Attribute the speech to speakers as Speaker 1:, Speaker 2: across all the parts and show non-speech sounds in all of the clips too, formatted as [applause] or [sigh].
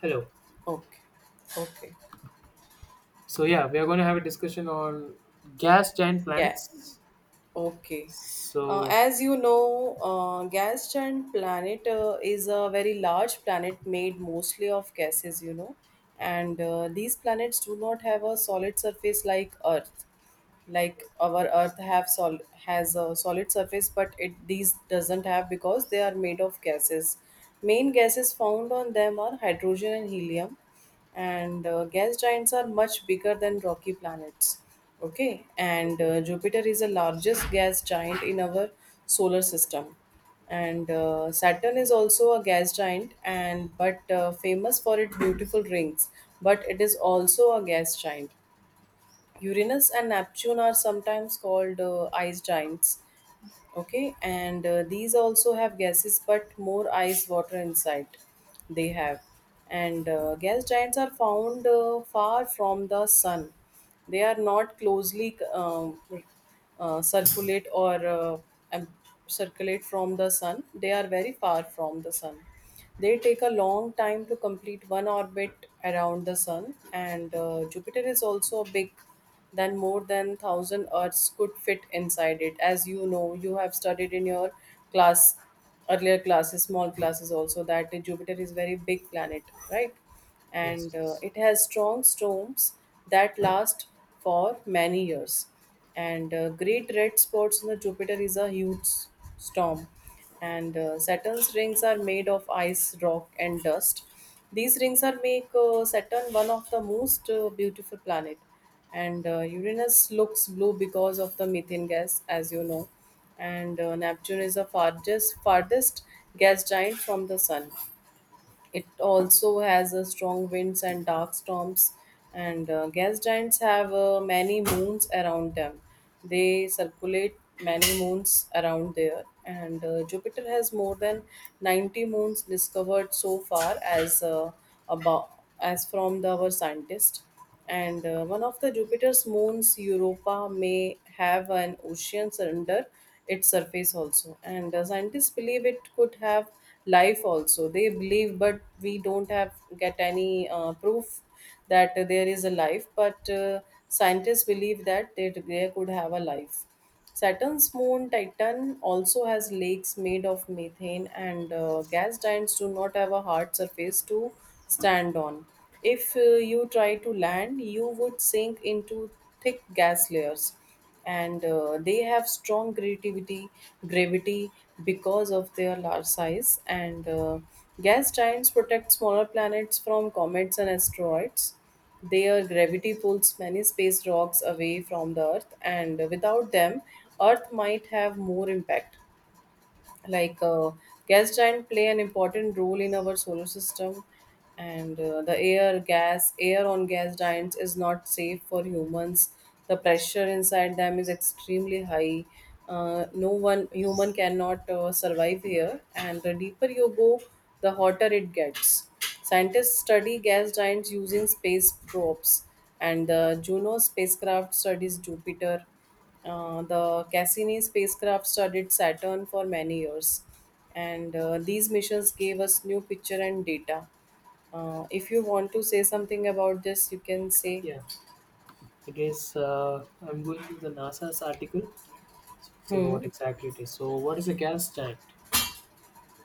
Speaker 1: Hello.
Speaker 2: Okay, okay,
Speaker 1: So yeah, we are going to have a discussion on gas giant
Speaker 2: yeah,
Speaker 1: planets.
Speaker 2: okay.
Speaker 1: So
Speaker 2: As you know, gas giant planet is a very large planet made mostly of gases, and these planets do not have a solid surface like Earth. Like our earth has a solid surface, but it these doesn't have because they are made of gases. Main gases found on them are hydrogen and helium, and gas giants are much bigger than rocky planets. Okay, and Jupiter is the largest gas giant in our solar system. And Saturn is also a gas giant, and but famous for its beautiful rings, but it is also a gas giant. Uranus and Neptune are sometimes called ice giants. Okay, and these also have gases, but more ice water inside. They have, and gas giants are found far from the sun. They are not closely circulate, or circulate from the sun. They are very far from the sun. They take a long time to complete one orbit around the sun, and Jupiter is also big than more than 1,000 earths could fit inside it. As you know, you have studied in your class, earlier classes, small classes also, that Jupiter is very big planet, right? And
Speaker 1: yes,
Speaker 2: it has strong storms that last for many years. And great red spots in the Jupiter is a huge storm. And Saturn's rings are made of ice, rock, and dust. These rings are make Saturn one of the most beautiful planet. And Uranus looks blue because of the methane gas, as you know. And Neptune is the farthest gas giant from the sun. It also has strong winds and dark storms, and gas giants have many moons around them. They circulate many moons around there, and Jupiter has more than 90 moons discovered so far as about, as from our scientists. And one of the Jupiter's moons, Europa, may have an ocean under its surface also. And scientists believe it could have life also. They believe, but we don't have get any proof that there is a life. But scientists believe that they could have a life. Saturn's moon Titan also has lakes made of methane, and gas giants do not have a hard surface to stand on. If you try to land, you would sink into thick gas layers, and they have strong gravity because of their large size. And gas giants protect smaller planets from comets and asteroids. Their gravity pulls many space rocks away from the Earth, and without them, Earth might have more impact. Like gas giants play an important role in our solar system. And the air on gas giants is not safe for humans. The pressure inside them is extremely high. No one, human cannot survive here, and the deeper you go, the hotter it gets. Scientists study gas giants using space probes, and the Juno spacecraft studies Jupiter. The Cassini spacecraft studied Saturn for many years, and these missions gave us new picture and data. If you want to say something about this, you can say.
Speaker 1: yeah, I guess I'm going to the NASA's article. Say
Speaker 2: Hmm.
Speaker 1: what exactly it is. So what is a gas giant?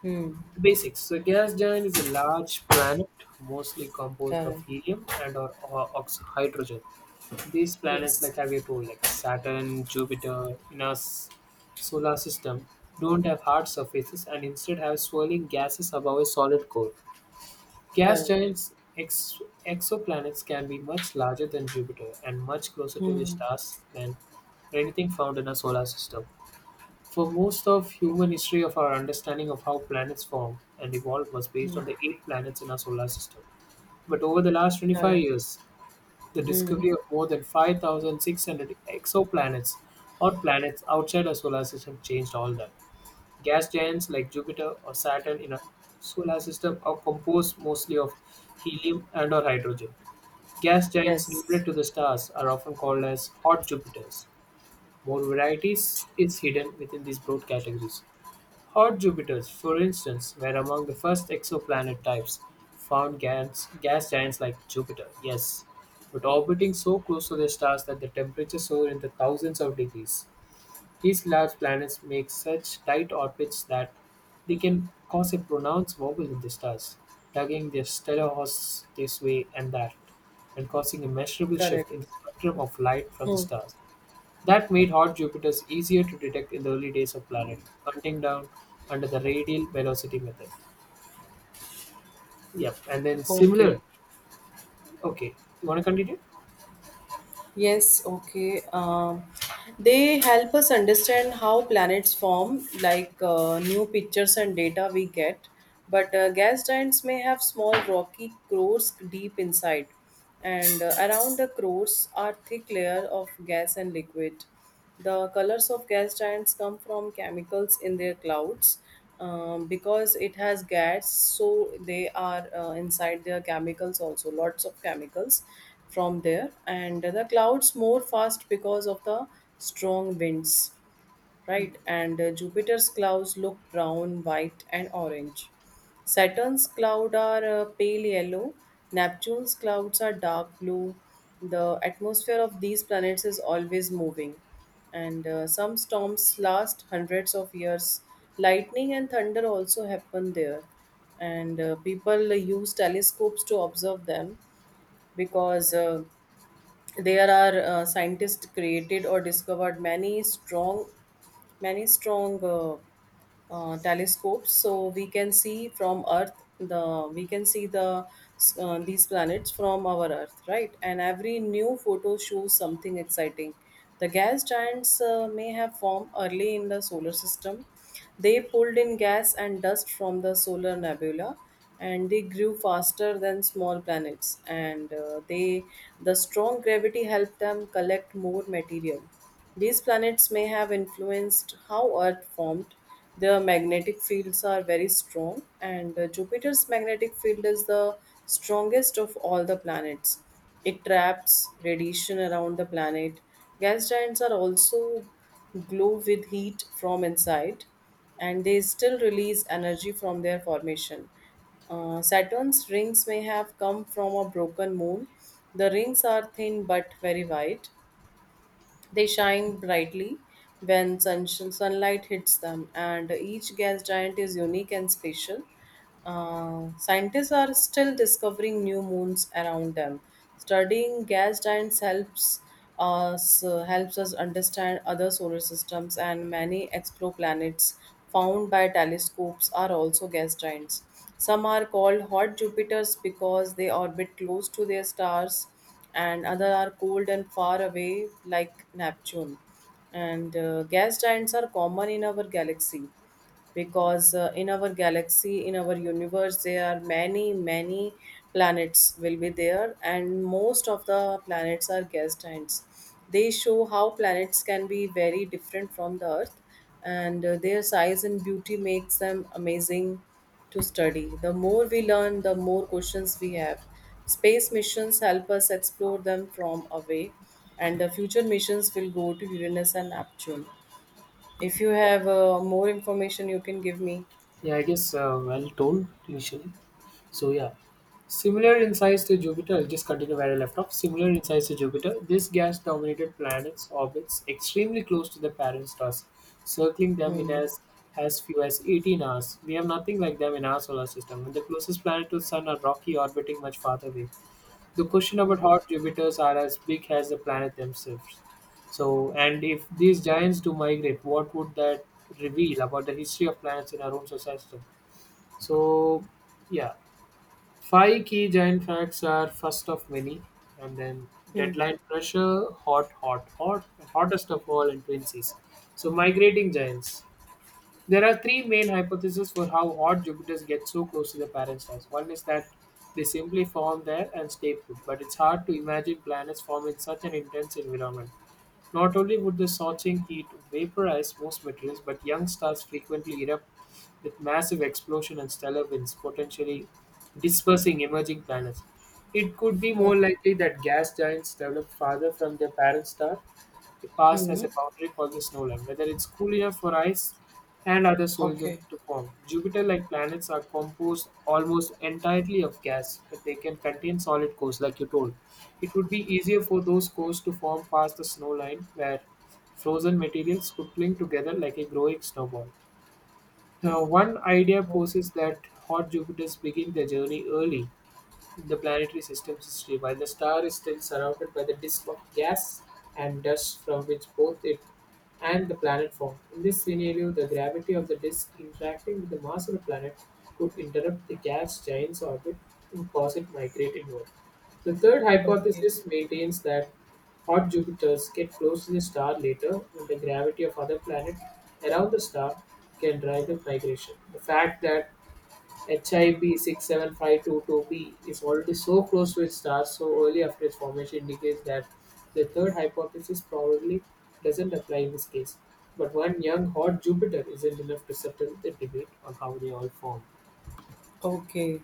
Speaker 2: Hmm.
Speaker 1: The basics. So a gas giant is a large planet, mostly composed of
Speaker 2: Correct.
Speaker 1: helium and or hydrogen. These planets,
Speaker 2: Yes.
Speaker 1: like have you told, like Saturn, Jupiter, in our solar system, don't have hard surfaces and instead have swirling gases above a solid core. Gas
Speaker 2: Correct.
Speaker 1: giants ex- Exoplanets can be much larger than Jupiter and much closer to the
Speaker 2: Hmm.
Speaker 1: stars than anything found in our solar system. For most of human history of our understanding of how planets formed and evolved was based
Speaker 2: Hmm.
Speaker 1: on the eight planets in our solar system. But over the last 25
Speaker 2: Correct.
Speaker 1: years, the
Speaker 2: Hmm.
Speaker 1: discovery of more than 5,600 exoplanets or planets outside our solar system changed all that. Gas giants like Jupiter or Saturn in our solar system are composed mostly of helium and or hydrogen. Gas giants nearer
Speaker 2: Yes.
Speaker 1: to the stars are often called as hot Jupiters. More varieties is hidden within these broad categories. Hot Jupiters, for instance, were among the first exoplanet types found gas giants like Jupiter, yes, but orbiting so close to their stars that the temperatures soar in the thousands of degrees. These large planets make such tight orbits that they can cause a pronounced wobble in the stars, tugging their stellar hosts this way and that, and causing a measurable shift
Speaker 2: Correct.
Speaker 1: in the spectrum of light from the
Speaker 2: Hmm.
Speaker 1: stars. That made hot Jupiters easier to detect in the early days of planet hunting down under the radial velocity method. Yep, and then
Speaker 2: Okay.
Speaker 1: similar. Okay, you want to continue?
Speaker 2: Yes, okay. They help us understand how planets form, like new pictures and data we get. But gas giants may have small rocky cores deep inside, and around the cores are thick layer of gas and liquid. The colors of gas giants come from chemicals in their clouds. Because it has gas, so they are inside their chemicals also, lots of chemicals from there. And the clouds more fast because of the strong winds, right? And Jupiter's clouds look brown, white, and orange. Saturn's clouds are pale yellow. Neptune's clouds are dark blue. The atmosphere of these planets is always moving, and some storms last hundreds of years. Lightning and thunder also happen there, and people use telescopes to observe them because. There are scientists created or discovered many strong telescopes, so we can see from earth the we can see these planets from our earth, right? And every new photo shows something exciting. The gas giants may have formed early in the solar system. They pulled in gas and dust from the solar nebula, and they grew faster than small planets, and the strong gravity helped them collect more material. These planets may have influenced how Earth formed. Their magnetic fields are very strong, and Jupiter's magnetic field is the strongest of all the planets. It traps radiation around the planet. Gas giants are also glow with heat from inside, and they still release energy from their formation. Saturn's rings may have come from a broken moon. The rings are thin but very wide. They shine brightly when sunlight hits them, and each gas giant is unique and special. Scientists are still discovering new moons around them. Studying gas giants helps us understand other solar systems, and many exoplanets found by telescopes are also gas giants. Some are called hot Jupiters because they orbit close to their stars, and other are cold and far away like Neptune. And gas giants are common in our galaxy because in our universe there are many planets will be there, and most of the planets are gas giants. They show how planets can be very different from the earth, and their size and beauty makes them amazing to study. The more we learn, the more questions we have. Space missions help us explore them from away, and the future missions will go to Uranus and Neptune. If you
Speaker 1: Yeah,
Speaker 2: have more information, you can give me.
Speaker 1: yeah. I guess well told initially. So yeah, similar in size to Jupiter. I'll just continue where I left off. Similar in size to Jupiter, this gas-dominated planet's orbits extremely close to the parent stars, circling them in
Speaker 2: Hmm.
Speaker 1: as few as 18 hours. We have nothing like them in our solar system, and the closest planet to the Sun are rocky, orbiting much farther away. The question about how Jupiters are as big as the planet themselves. So, and if these giants do migrate, what would that reveal about the history of planets in our own solar system? So, yeah, Five key giant facts are first of many, and then
Speaker 2: Hmm.
Speaker 1: deadline pressure, hot, hot, hot, and hottest of all in twin seas. So, migrating giants. There are three main hypotheses for how hot Jupiters get so close to the parent stars. One is that they simply form there and stay put, but it's hard to imagine planets form in such an intense environment. Not only would the scorching heat vaporize most materials, but young stars frequently erupt with massive explosion and stellar winds, potentially dispersing emerging planets. It could be more
Speaker 2: Okay.
Speaker 1: likely that gas giants develop farther from their parent star. They pass
Speaker 2: Hmm.
Speaker 1: as a boundary called the snow line. Whether it's cool enough for ice and other soldier
Speaker 2: Okay.
Speaker 1: to form. Jupiter-like planets are composed almost entirely of gas, but they can contain solid cores, like you told. It would be easier for those cores to form past the snow line, where frozen materials could cling together like a growing snowball. Now, one idea
Speaker 2: Okay.
Speaker 1: poses that hot Jupiters begin their journey early, the planetary system's history, while the star is still surrounded by the disk of gas and dust from which both it and the planet formed. In this scenario, the gravity of the disk interacting with the mass of the planet could interrupt the gas giant's orbit and cause it migrate inward. The third
Speaker 2: Okay.
Speaker 1: hypothesis maintains that hot Jupiters get close to the star later when the gravity of other planets around the star can drive the migration. The fact that HIP 67522b is already so close to its star so early after its formation indicates that the third hypothesis probably doesn't apply in this case. But one young hot Jupiter isn't enough to settle the debate on how they all formed.
Speaker 2: Okay.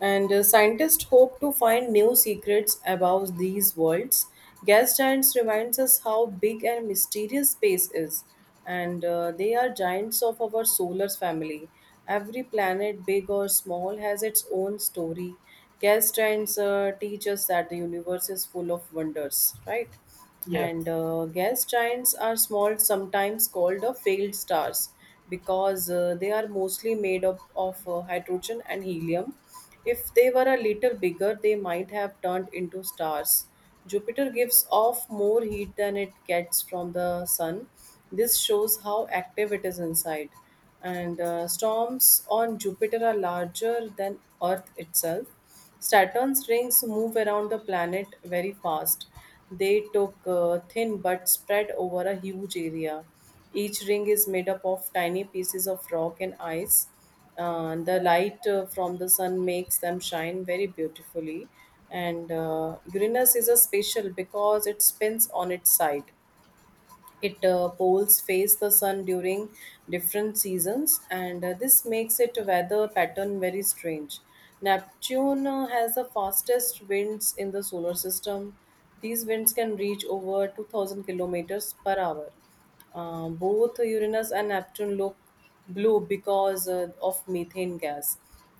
Speaker 2: And scientists hope to find new secrets about these worlds. Gas giants reminds us how big and mysterious space is, and they are giants of our solar family. Every planet, big or small, has its own story. Galstine's teach us that the universe is full of wonders, right?
Speaker 1: Yeah.
Speaker 2: And gas giants are small, sometimes called failed stars, because they are mostly made up of hydrogen and helium. If they were a little bigger, they might have turned into stars. Jupiter gives off more heat than it gets from the sun. This shows how active it is inside. And storms on Jupiter are larger than Earth itself. Saturn's rings move around the planet very fast. They took thin but spread over a huge area. Each ring is made up of tiny pieces of rock and ice. The light from the sun makes them shine very beautifully. And Uranus is a special because it spins on its side. It poles face the sun during different seasons, and this makes it weather pattern very strange. Neptune has the fastest winds in the solar system. These winds can reach over 2,000 kilometers per hour. Both Uranus and Neptune look blue because of methane gas.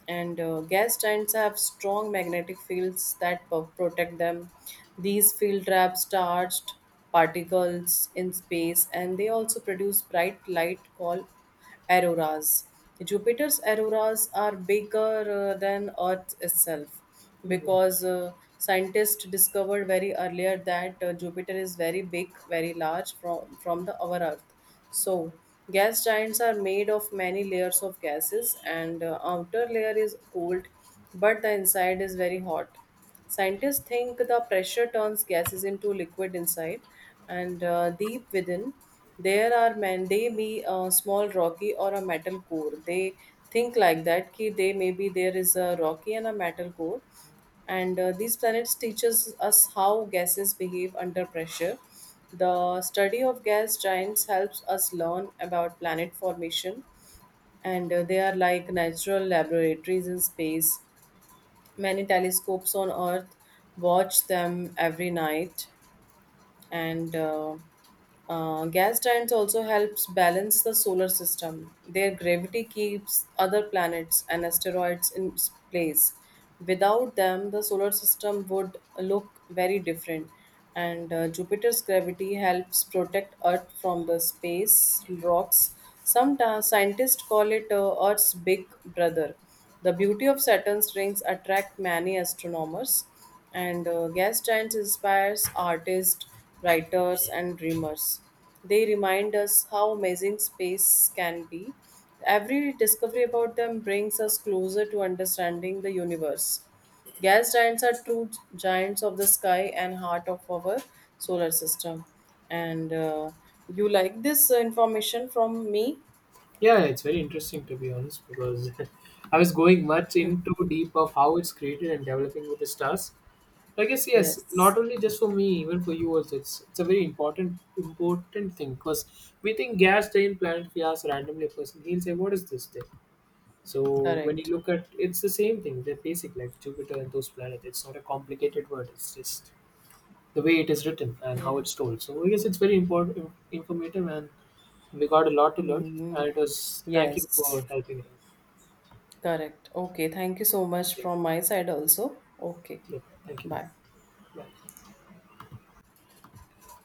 Speaker 2: And gas giants have strong magnetic fields that protect them. These field traps charged particles in space, and they also produce bright light called auroras. Jupiter's auroras are bigger than Earth itself
Speaker 1: Mm.
Speaker 2: because scientists discovered very earlier that Jupiter is very big, very large from the our Earth. So, gas giants are made of many layers of gases, and outer layer is cold, but the inside is very hot. Scientists think the pressure turns gases into liquid inside, and deep within, there are man. They be a small rocky or a metal core. They think like that. Ki They maybe there is a rocky and a metal core, and these planets teaches us how gases behave under pressure. The study of gas giants helps us learn about planet formation, and they are like natural laboratories in space. Many telescopes on earth watch them every night, and gas giants also helps balance the solar system. Their gravity keeps other planets and asteroids in place. Without them, the solar system would look very different, and Jupiter's gravity helps protect earth from the space rocks. Some scientists call it earth's big brother. The beauty of Saturn's rings attract many astronomers, and gas giants inspires artists, writers, and dreamers. They remind us how amazing space can be. Every discovery about them brings us closer to understanding the universe. Gas giants are true giants of the sky and heart of our solar system. And you like this information from me?
Speaker 1: Yeah, it's very interesting to be honest because [laughs] I was going much into deep of how it's created and developing with the stars. I guess yes,
Speaker 2: Yes.
Speaker 1: not only just for me, even for you also. It's a very important thing because we think gas train planet we ask randomly a person, he'll say, what is this thing? So when
Speaker 2: Correct.
Speaker 1: you look at it's the same thing, they're basic like Jupiter and those planets. It's not a complicated word, it's just the way it is written and
Speaker 2: Yeah.
Speaker 1: how it's told. So I guess it's very important informative and we got a lot to learn
Speaker 2: Mm.
Speaker 1: and it was thank you
Speaker 2: Yes.
Speaker 1: for helping.
Speaker 2: Correct. Okay. Thank you so much
Speaker 1: Yeah,
Speaker 2: from my side also. Okay.
Speaker 1: yeah, thank you.
Speaker 2: Bye.
Speaker 1: Bye.